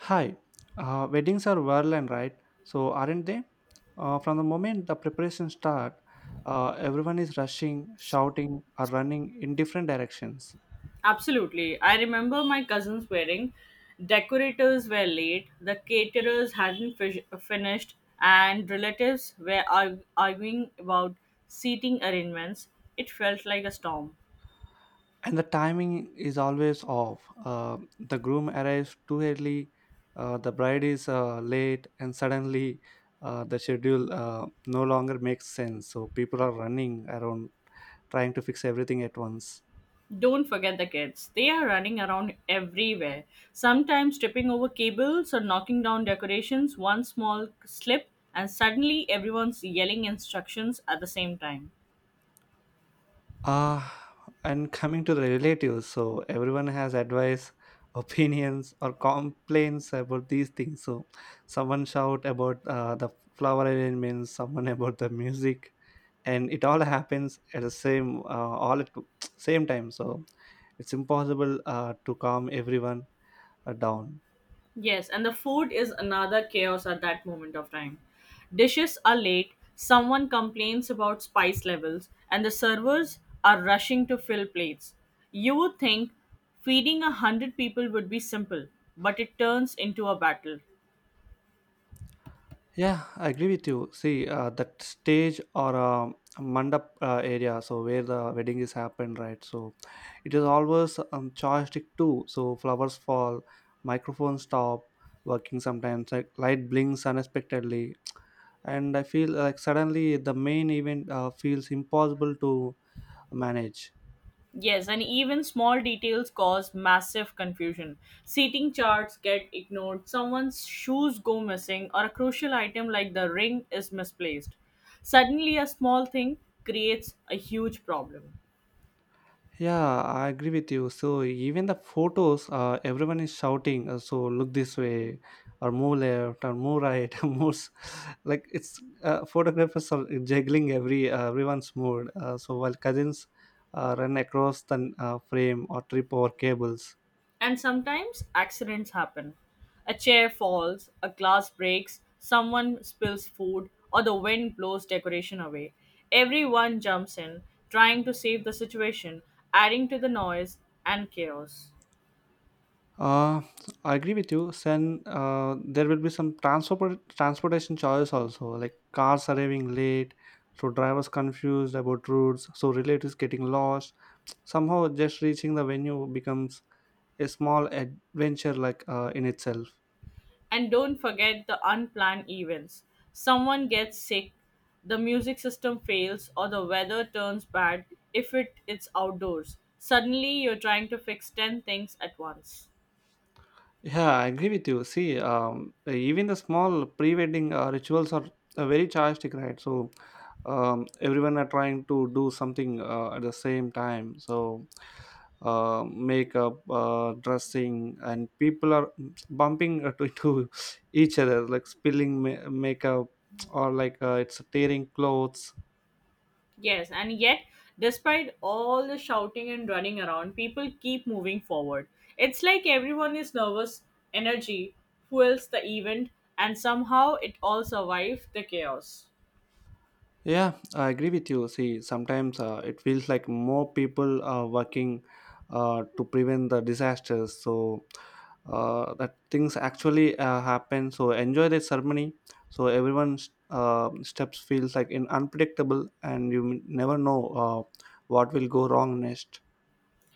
Hi, weddings are violent, right? So, aren't they? From the moment the preparations start, everyone is rushing, shouting, or running in different directions. Absolutely. I remember my cousin's wedding. Decorators were late, the caterers hadn't finished, and relatives were arguing about seating arrangements. It felt like a storm. And the timing is always off. The groom arrives too early, the bride is late, and suddenly the schedule no longer makes sense. So, people are running around trying to fix everything at once. Don't forget the kids. They are running around everywhere, sometimes tripping over cables or knocking down decorations. One small slip, and suddenly everyone's yelling instructions at the same time. Ah, and coming to the relatives, so everyone has advice, opinions, or complaints about these things. So someone shout about the flower arrangements, someone about the music, and it all happens at the same all at same time. So it's impossible to calm everyone down. Yes, and the food is another chaos at that moment of time. Dishes are late, someone complains about spice levels, and the servers are rushing to fill plates. You would think feeding 100 people would be simple, but it turns into a battle. Yeah, I agree with you. See, that stage or mandap area, so where the wedding is happened, right? So it is always joystick too. So flowers fall, microphones stop working sometimes, like light blinks unexpectedly, and I feel like suddenly the main event feels impossible to manage. Yes, and even small details cause massive confusion. Seating charts get ignored, someone's shoes go missing, or a crucial item like the ring is misplaced. Suddenly, a small thing creates a huge problem. Yeah, I agree with you. So even the photos, everyone is shouting. So look this way, or move left, or move right, Like it's photographers are juggling everyone's mood. So while cousins run across the frame or trip over cables. And sometimes accidents happen. A chair falls, a glass breaks, someone spills food, or the wind blows decoration away. Everyone jumps in, trying to save the situation, adding to the noise and chaos. Uh, I agree with you. Then there will be some transportation choice also, like cars arriving late, so drivers confused about routes, so relatives getting lost. Somehow, just reaching the venue becomes a small adventure, like in itself. And don't forget the unplanned events. Someone gets sick, the music system fails, or the weather turns bad if it's outdoors. Suddenly, you're trying to fix 10 things at once. Yeah, I agree with you. See, even the small pre-wedding rituals are very chartistic, right? So everyone are trying to do something at the same time. So makeup, dressing, and people are bumping to each other, like spilling makeup or like it's tearing clothes. Yes, and yet, despite all the shouting and running around, people keep moving forward. It's like everyone is nervous, energy fuels the event, and somehow it all survives the chaos. Yeah, I agree with you. See, sometimes it feels like more people are working to prevent the disasters. So that things actually happen. So enjoy the ceremony. So everyone's steps feels like in unpredictable, and you never know what will go wrong next.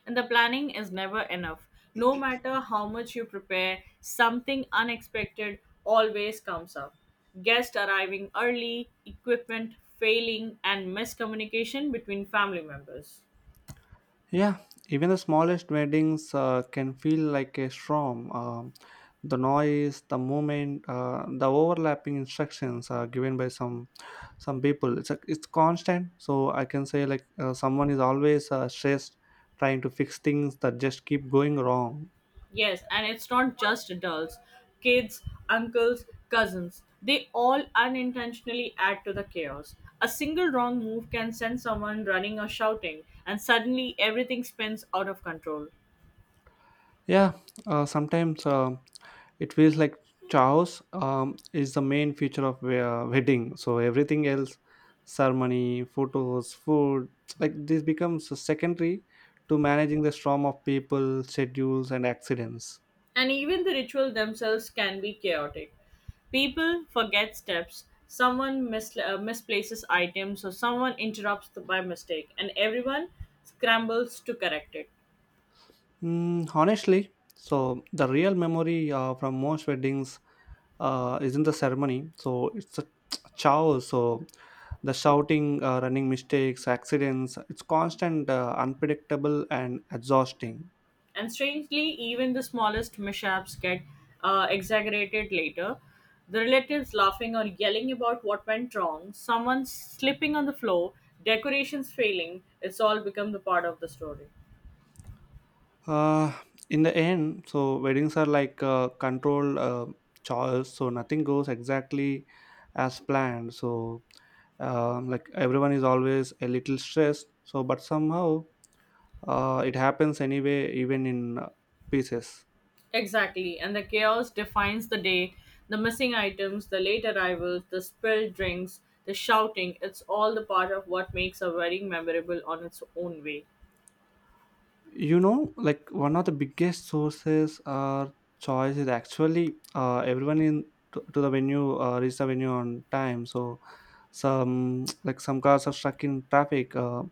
And the planning is never enough. No matter how much you prepare, something unexpected always comes up. Guests arriving early, equipment failing, and miscommunication between family members. Yeah, even the smallest weddings can feel like a storm. The noise, the movement, the overlapping instructions are given by some people. It's constant, so I can say like someone is always stressed, trying to fix things that just keep going wrong. Yes, and it's not just adults, kids, uncles, cousins. They all unintentionally add to the chaos. A single wrong move can send someone running or shouting, and suddenly everything spins out of control. Yeah, sometimes it feels like chaos is the main feature of wedding. So everything else, ceremony, photos, food, like this becomes secondary to managing the storm of people, schedules, and accidents. And even the ritual themselves can be chaotic. People forget steps, someone misplaces items, or someone interrupts by mistake, and everyone scrambles to correct it. Mm, honestly, so the real memory from most weddings is in the ceremony. So it's a chaos. So the shouting, running, mistakes, accidents. It's constant, unpredictable, and exhausting. And strangely, even the smallest mishaps get exaggerated later. The relatives laughing or yelling about what went wrong, someone slipping on the floor, decorations failing, it's all become the part of the story. Uh, in the end, so weddings are like controlled choice. So nothing goes exactly as planned. So like everyone is always a little stressed. So but somehow it happens anyway, even in pieces. Exactly, and the chaos defines the day. The missing items, the late arrivals, the spilled drinks, the shouting, it's all the part of what makes a wedding memorable on its own way. You know, like one of the biggest sources or choice is actually everyone in to the venue reach the venue on time. So some like some cars are stuck in traffic uh,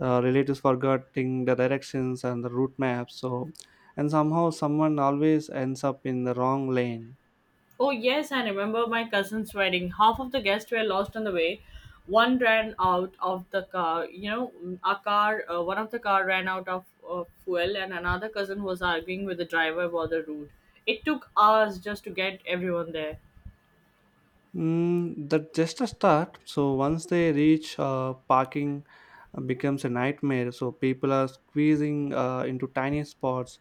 uh, relatives forgetting the directions and the route maps. So, and somehow someone always ends up in the wrong lane. Oh, yes, I remember my cousin's wedding. Half of the guests were lost on the way. One ran out of the car, you know, a car, one of the car ran out of fuel, and another cousin was arguing with the driver about the route. It took hours just to get everyone there. Mm, that just a start. So once they reach, parking becomes a nightmare. So people are squeezing into tiny spots,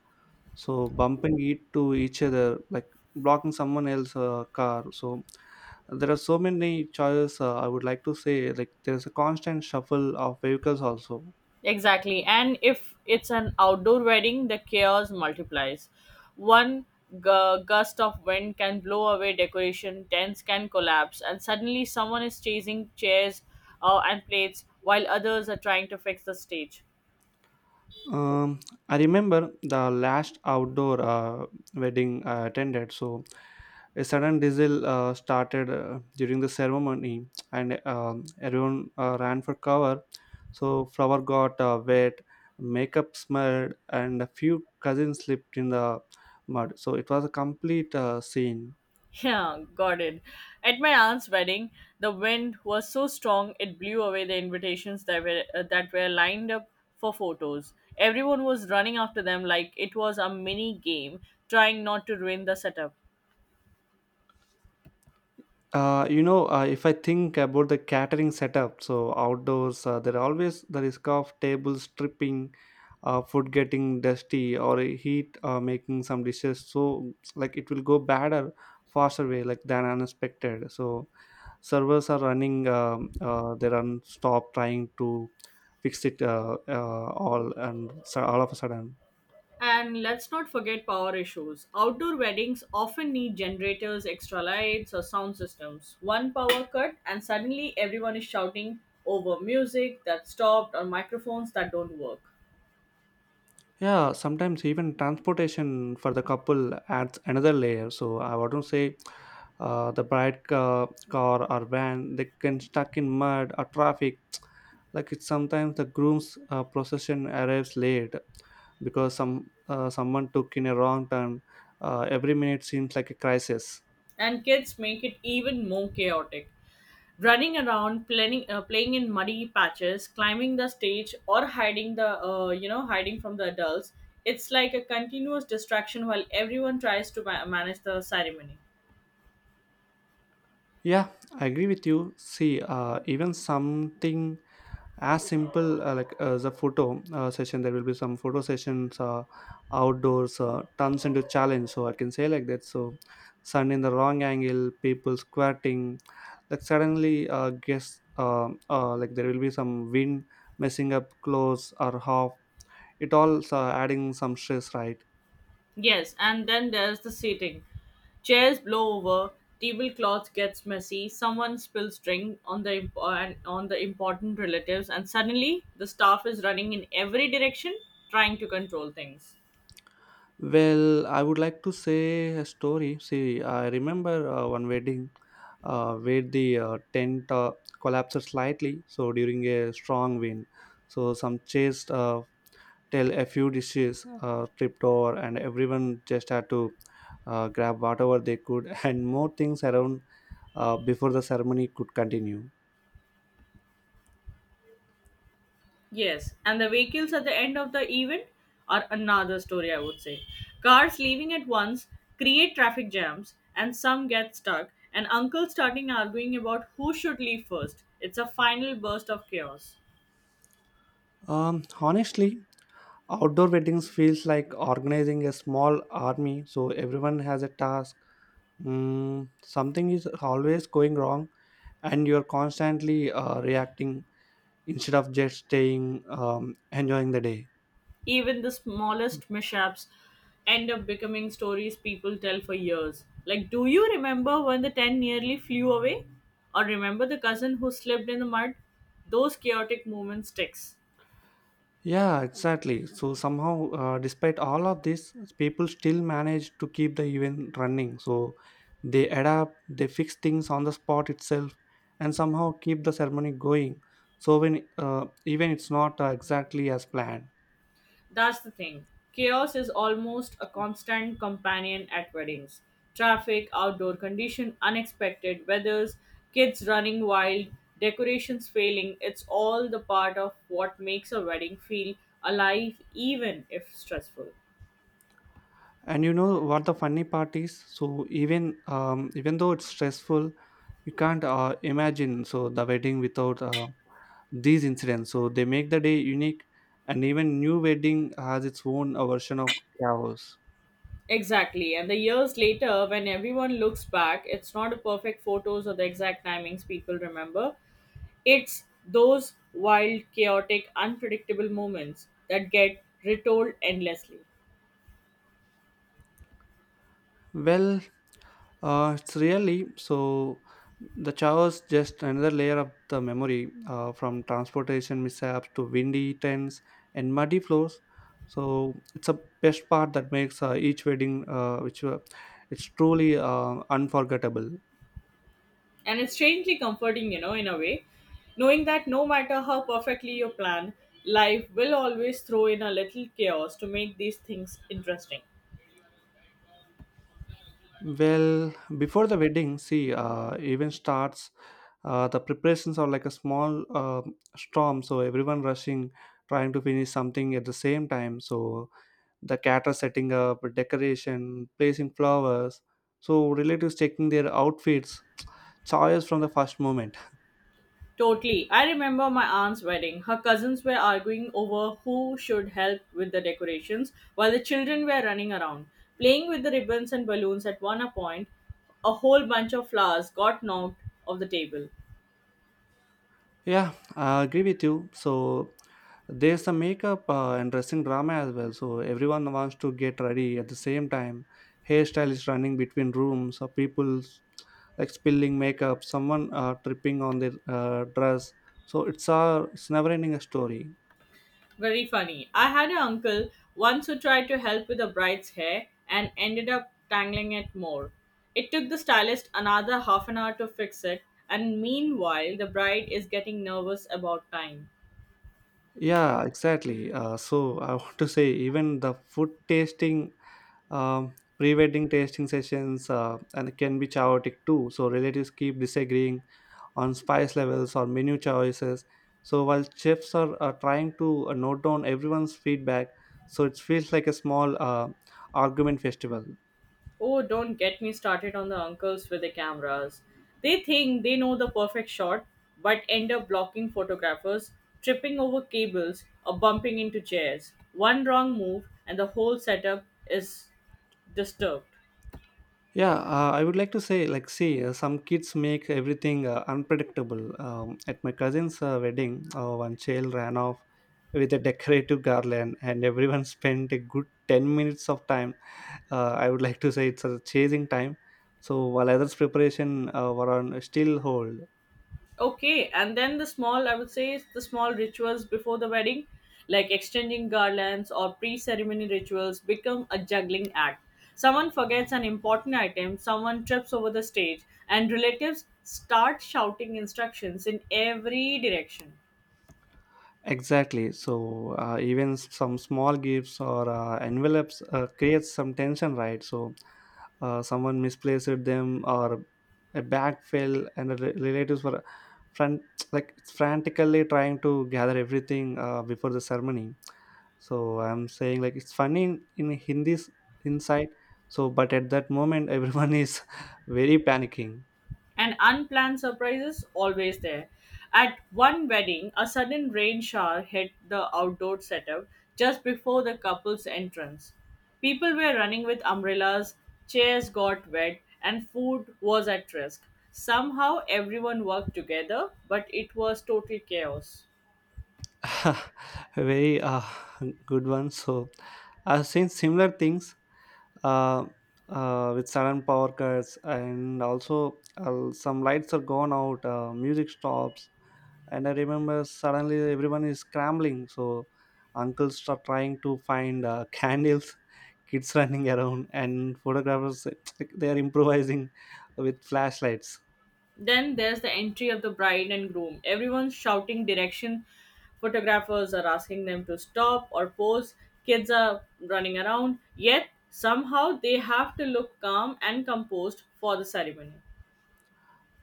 so bumping it to each other, like blocking someone else's car. So there are so many choices. I would like to say, like there is a constant shuffle of vehicles also. Exactly. And if it's an outdoor wedding, the chaos multiplies. One gust of wind can blow away decoration, tents can collapse, and suddenly someone is chasing chairs and plates while others are trying to fix the stage. Um, I remember the last outdoor wedding I attended. So, a sudden diesel started during the ceremony, and everyone ran for cover. So, flower got wet, makeup smeared, and a few cousins slipped in the mud. So, it was a complete scene. Yeah, got it. At my aunt's wedding, the wind was so strong it blew away the invitations that were lined up for photos. Everyone was running after them like it was a mini game, trying not to ruin the setup. You know, if I think about the catering setup, so outdoors, there always the risk of tables tripping, food getting dusty, or heat making some dishes, so like it will go bad or faster way like than unexpected. So servers are running, they run stop trying to fix it all, and so all of a sudden. And let's not forget power issues. Outdoor weddings often need generators, extra lights, or sound systems. One power cut, and suddenly everyone is shouting over music that stopped or microphones that don't work. Yeah, sometimes even transportation for the couple adds another layer. So I want to say, the bride car or van, they can stuck in mud or traffic. Like it's sometimes the groom's procession arrives late because someone took in a wrong turn. Every minute seems like a crisis. And kids make it even more chaotic. Running around, playing in muddy patches, climbing the stage, or hiding the you know hiding from the adults. It's like a continuous distraction while everyone tries to manage the ceremony. Yeah, I agree with you. See, even something as simple the photo session, there will be some photo sessions outdoors turns into challenge. So I can say like that, so sun in the wrong angle, people squatting, like suddenly guess like there will be some wind messing up clothes or half it all adding some stress, right? Yes, and then there's the seating. Chairs blow over, tablecloth gets messy, someone spills drink on on the important relatives, and suddenly the staff is running in every direction trying to control things. Well, I would like to say a story. See, I remember one wedding where the tent collapsed slightly. So during a strong wind, so some chairs till a few dishes tripped over, and everyone just had to grab whatever they could and more things around before the ceremony could continue. Yes, and the vehicles at the end of the event are another story, I would say. Cars leaving at once create traffic jams, and some get stuck, and uncles starting arguing about who should leave first. It's a final burst of chaos. Honestly, outdoor weddings feels like organizing a small army, so everyone has a task. Mm, something is always going wrong, and you're constantly reacting instead of just staying enjoying the day. Even the smallest mishaps end up becoming stories people tell for years. Like, do you remember when the tent nearly flew away? Or remember the cousin who slipped in the mud? Those chaotic moments sticks. Yeah, exactly. So somehow despite all of this, people still manage to keep the event running. So they adapt, they fix things on the spot itself, and somehow keep the ceremony going. So when even it's not exactly as planned. That's the thing. Chaos is almost a constant companion at weddings. Traffic, outdoor condition, unexpected weathers, kids running wild, decorations failing, it's all the part of what makes a wedding feel alive even if stressful. And you know what the funny part is? So even even though it's stressful, you can't imagine so the wedding without these incidents. So they make the day unique, and even new wedding has its own version of chaos. Exactly. And the years later, when everyone looks back, it's not the perfect photos or the exact timings people remember. It's those wild, chaotic, unpredictable moments that get retold endlessly. Well, it's really so the chaos just another layer of the memory, from transportation mishaps to windy tents and muddy floors. So it's a best part that makes each wedding, which it's truly unforgettable. And it's strangely comforting, you know, in a way, knowing that no matter how perfectly you plan, life will always throw in a little chaos to make these things interesting. Well, before the wedding, see, even starts. The preparations are like a small storm, so everyone rushing, trying to finish something at the same time. So the caterer setting up, decoration placing flowers, so relatives checking their outfits, choice from the first moment. Totally. I remember my aunt's wedding. Her cousins were arguing over who should help with the decorations while the children were running around, playing with the ribbons and balloons at one point. A whole bunch of flowers got knocked off the table. Yeah, I agree with you. So there's the makeup and dressing drama as well. So everyone wants to get ready at the same time, hairstyle is running between rooms or people, like spilling makeup, someone tripping on their dress. So it's a, it's never ending a story. Very funny. I had an uncle once who tried to help with the bride's hair and ended up tangling it more. It took the stylist another half an hour to fix it, and meanwhile, the bride is getting nervous about time. Yeah, exactly. So I want to say, even the food tasting. Pre-wedding tasting sessions and can be chaotic too. So relatives keep disagreeing on spice levels or menu choices. So while chefs are trying to note down everyone's feedback, so it feels like a small argument festival. Oh, don't get me started on the uncles with the cameras. They think they know the perfect shot, but end up blocking photographers, tripping over cables, or bumping into chairs. One wrong move, and the whole setup is disturbed. Yeah, I would like to say, like, see, some kids make everything unpredictable. At my cousin's wedding, one child ran off with a decorative garland, and everyone spent a good 10 minutes of time, I would like to say it's a chasing time. So while others' preparation were on still hold. Okay, and then the small, I would say, is the small rituals before the wedding, like exchanging garlands or pre ceremony rituals, become a juggling act. Someone forgets an important item, someone trips over the stage, and relatives start shouting instructions in every direction. Exactly. So even some small gifts or envelopes creates some tension, right? So someone misplaced them, or a bag fell, and the relatives were front like frantically trying to gather everything before the ceremony. So I'm saying like it's funny in Hindi's inside. So but at that moment, everyone is very panicking. And unplanned surprises always there. At one wedding, a sudden rain shower hit the outdoor setup just before the couple's entrance. People were running with umbrellas, chairs got wet, and food was at risk. Somehow everyone worked together, but it was total chaos. Very good one. So I've seen similar things uh, with sudden power cuts, and also some lights are gone out, music stops, and I remember suddenly everyone is scrambling. So uncles start trying to find candles, kids running around, and photographers they are improvising with flashlights. Then there's the entry of the bride and groom. Everyone's shouting direction. Photographers are asking them to stop or pose. Kids are running around. Yet, somehow, they have to look calm and composed for the ceremony.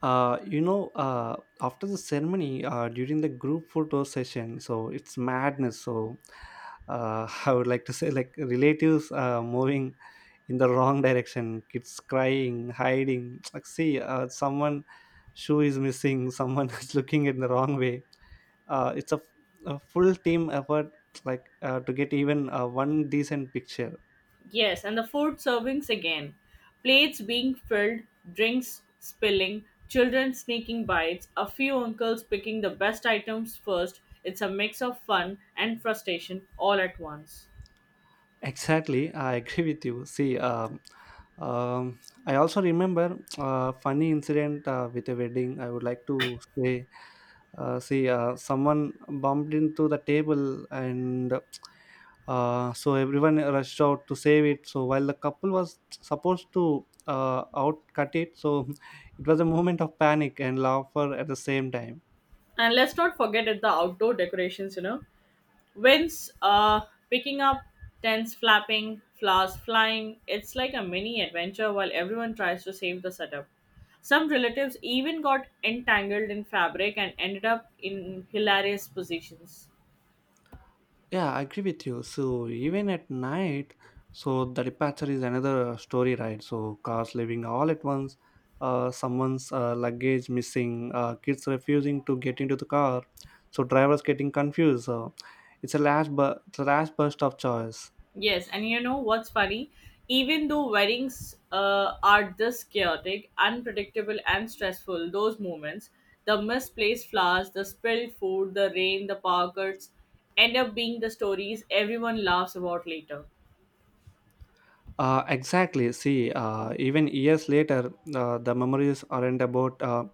uh, you know uh, After the ceremony, during the group photo session, so it's madness. So I would like to say, like, relatives moving in the wrong direction, kids crying, hiding, like, see, someone shoe is missing, someone is looking in the wrong way. It's a full team effort, like, to get even one decent picture. Yes, and the food servings again. Plates being filled, drinks spilling, children sneaking bites, a few uncles picking the best items first. It's a mix of fun and frustration all at once. Exactly, I agree with you. See, um, I also remember a funny incident with a wedding. I would like to say, see, someone bumped into the table, and so everyone rushed out to save it. So while the couple was supposed to outcut it, so it was a moment of panic and laughter at the same time. And let's not forget at the outdoor decorations, you know. Winds picking up, tents flapping, flowers flying. It's like a mini adventure while everyone tries to save the setup. Some relatives even got entangled in fabric and ended up in hilarious positions. Yeah, I agree with you. So even at night, so the departure is another story, right? So cars leaving all at once, someone's luggage missing, kids refusing to get into the car, so drivers getting confused. So it's a last, it's a last burst of choice. Yes, and you know what's funny? Even though weddings are this chaotic, unpredictable, and stressful, those moments, the misplaced flowers, the spilled food, the rain, the pockets, end up being the stories everyone laughs about later. Exactly. See, even years later, the memories aren't about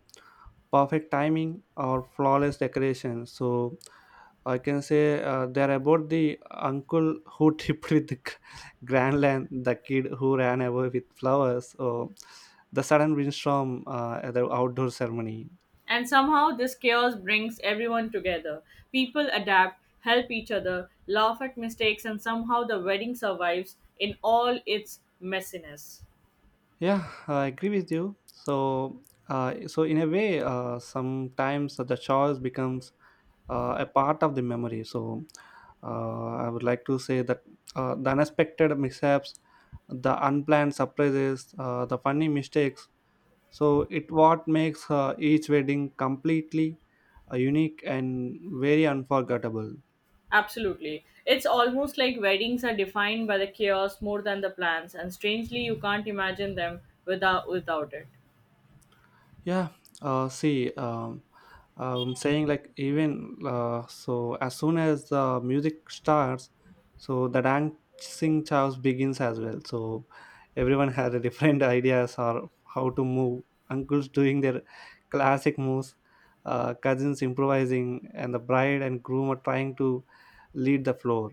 perfect timing or flawless decoration. So I can say they're about the uncle who tripped with the grand land, the kid who ran away with flowers, or the sudden windstorm at the outdoor ceremony. And somehow this chaos brings everyone together. People adapt, help each other, laugh at mistakes, and somehow the wedding survives in all its messiness. Yeah, I agree with you. So in a way, sometimes the choice becomes a part of the memory. So, I would like to say that the unexpected mishaps, the unplanned surprises, the funny mistakes. So, it what makes each wedding completely unique and very unforgettable. Absolutely. It's almost like weddings are defined by the chaos more than the plans, and strangely, you can't imagine them without it. Yeah, see, I'm saying, like, even so, as soon as the music starts, so the dancing chows begins as well. So everyone has a different ideas or how to move. Uncles doing their classic moves, cousins improvising, and the bride and groom are trying to lead the floor.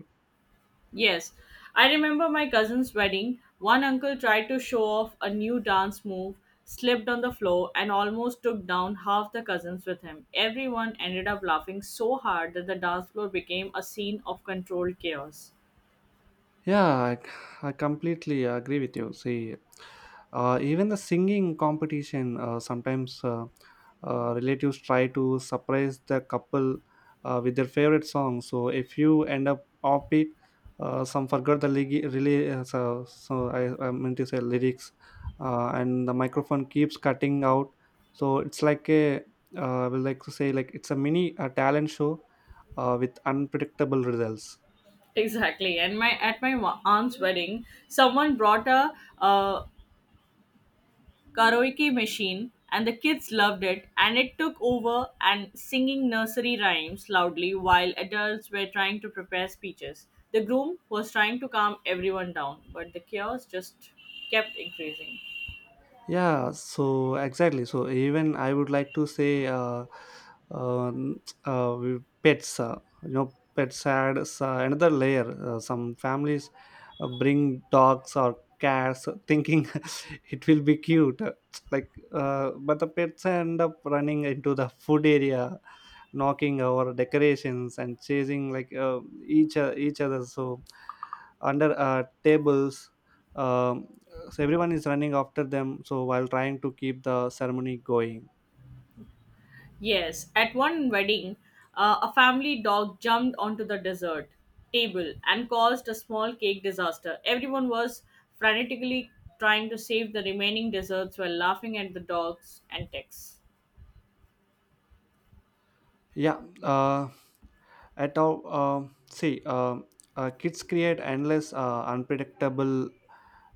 Yes, I remember my cousin's wedding. One uncle tried to show off a new dance move, slipped on the floor, and almost took down half the cousins with him. Everyone ended up laughing so hard that the dance floor became a scene of controlled chaos. Yeah, I completely agree with you. See, even the singing competition, sometimes relatives try to surprise the couple with their favorite song. So if you end up offbeat, some forgot the really, so I meant to say lyrics, and the microphone keeps cutting out. So it's like I would like to say, like, it's a mini talent show with unpredictable results. Exactly, and my at my wa- aunt's wedding, someone brought a uh, karaoke machine, and the kids loved it. And it took over and singing nursery rhymes loudly while adults were trying to prepare speeches. The groom was trying to calm everyone down, but the chaos just kept increasing. Yeah, so exactly. So even I would like to say, pets. You know, pets adds another layer. Some families bring dogs or cats, thinking it will be cute. Like, but the pets end up running into the food area, knocking our decorations and chasing, like, each other. So under tables. Um, so everyone is running after them. So while trying to keep the ceremony going, Yes, at one wedding, a family dog jumped onto the dessert table and caused a small cake disaster. Everyone was frantically trying to save the remaining desserts while laughing at the dogs and texts. yeah. At all, see, kids create endless, unpredictable,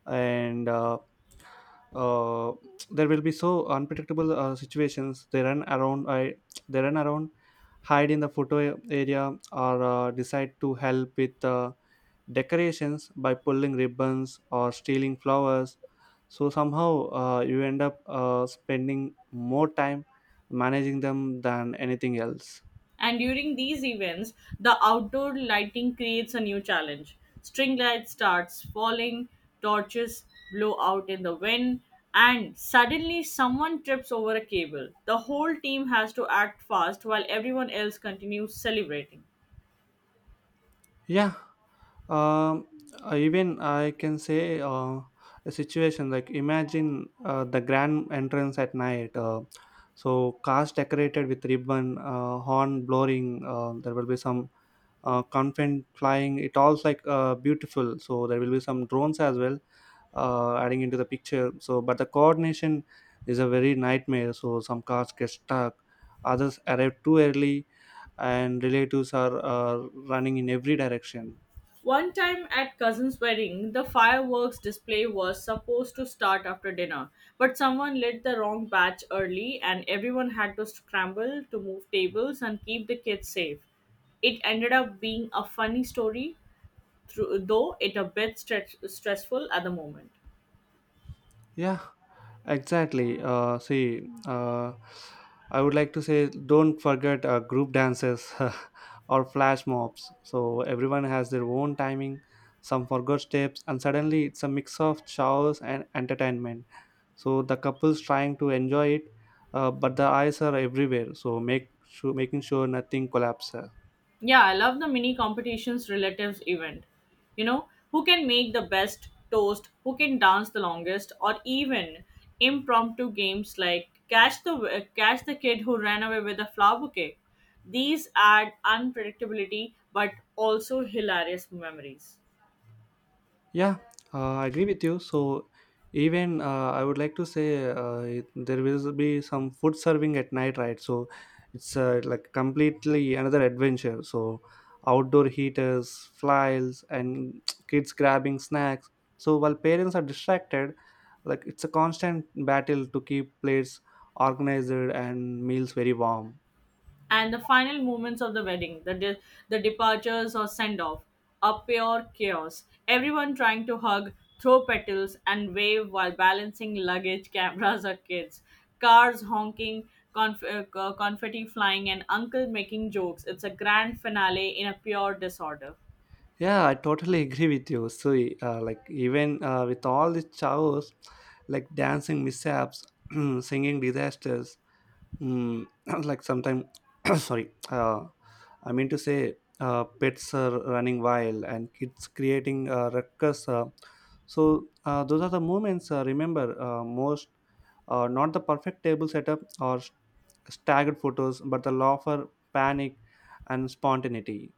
and uh, there will be so unpredictable situations. They run around. I they run around, hide in the photo area, or decide to help with decorations by pulling ribbons or stealing flowers, so somehow you end up spending more time managing them than anything else. And during these events, the outdoor lighting creates a new challenge. String lights starts falling, torches blow out in the wind, and suddenly someone trips over a cable. The whole team has to act fast while everyone else continues celebrating. Yeah. um, Even I can say, a situation, like, imagine the grand entrance at night. So cars decorated with ribbon, horn blowing, there will be some confetti flying, it all's like beautiful, so there will be some drones as well adding into the picture. So, but the coordination is a very nightmare. So, some cars get stuck, others arrive too early, and relatives are running in every direction. One time at cousin's wedding, the fireworks display was supposed to start after dinner, but someone lit the wrong batch early and everyone had to scramble to move tables and keep the kids safe. It ended up being a funny story, through, though it a bit stressful at the moment. Yeah, exactly. See, I would like to say, don't forget group dances or flash mobs. So, everyone has their own timing. Some forgot steps, and suddenly it's a mix of chaos and entertainment. So the couple's trying to enjoy it, but the eyes are everywhere, so make sure making sure nothing collapses. Yeah, I love the mini competitions relatives event. You know, who can make the best toast, who can dance the longest, or even impromptu games like catch the kid who ran away with a flower bouquet. These add unpredictability but also hilarious memories. Yeah, I agree with you. So even, I would like to say, there will be some food serving at night, right? So it's like completely another adventure. So outdoor heaters, flies, and kids grabbing snacks, so while parents are distracted, like, it's a constant battle to keep plates organized and meals very warm. And the final moments of the wedding, the departures or send off, are pure chaos. Everyone trying to hug, throw petals, and wave while balancing luggage, cameras, or kids. Cars honking, confetti flying, and uncle making jokes. It's a grand finale in a pure disorder. Yeah, I totally agree with you. So, like, even with all the chaos, like dancing mishaps, singing disasters, mm, like sometimes, sorry, I mean to say, pets are running wild and kids creating ruckus. So those are the moments remember most, not the perfect table setup or staggered photos, but the laughter, panic, and spontaneity.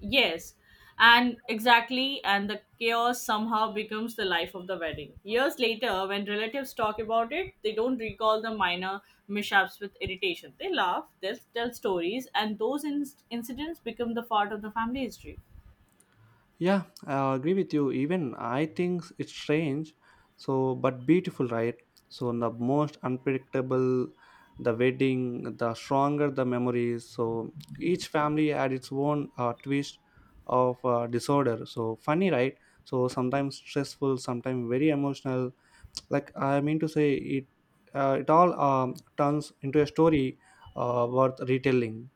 Yes, and exactly, and the chaos somehow becomes the life of the wedding. Years later, when relatives talk about it, they don't recall the minor mishaps with irritation. They laugh, they tell stories, and those incidents become the part of the family history. Yeah, I agree with you. Even I think it's strange, so but beautiful, right? So the most unpredictable the wedding, the stronger the memories. So each family had its own twist of disorder. So funny, right? So sometimes stressful, sometimes very emotional. Like I mean to say, it all turns into a story worth retelling.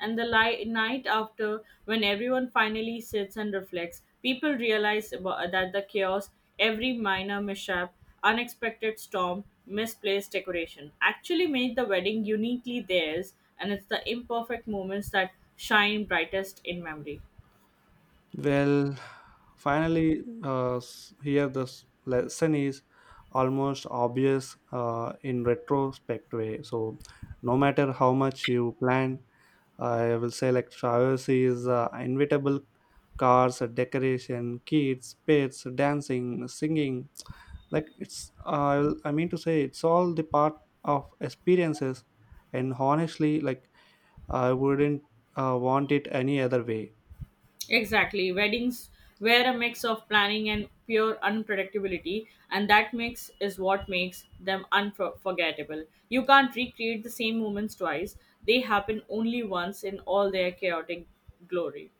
And the night after, when everyone finally sits and reflects, people realize that the chaos, every minor mishap, unexpected storm, misplaced decoration actually made the wedding uniquely theirs, and it's the imperfect moments that shine brightest in memory. Well, finally, here the lesson is almost obvious in retrospect way. So, no matter how much you plan, I will say, like, showers is inevitable. Cars, decoration, kids, pets, dancing, singing, like it's I mean to say, it's all the part of experiences, and honestly, like I wouldn't want it any other way. Exactly. Weddings were a mix of planning and pure unpredictability, and that mix is what makes them unforgettable. You can't recreate the same moments twice, they happen only once in all their chaotic glory.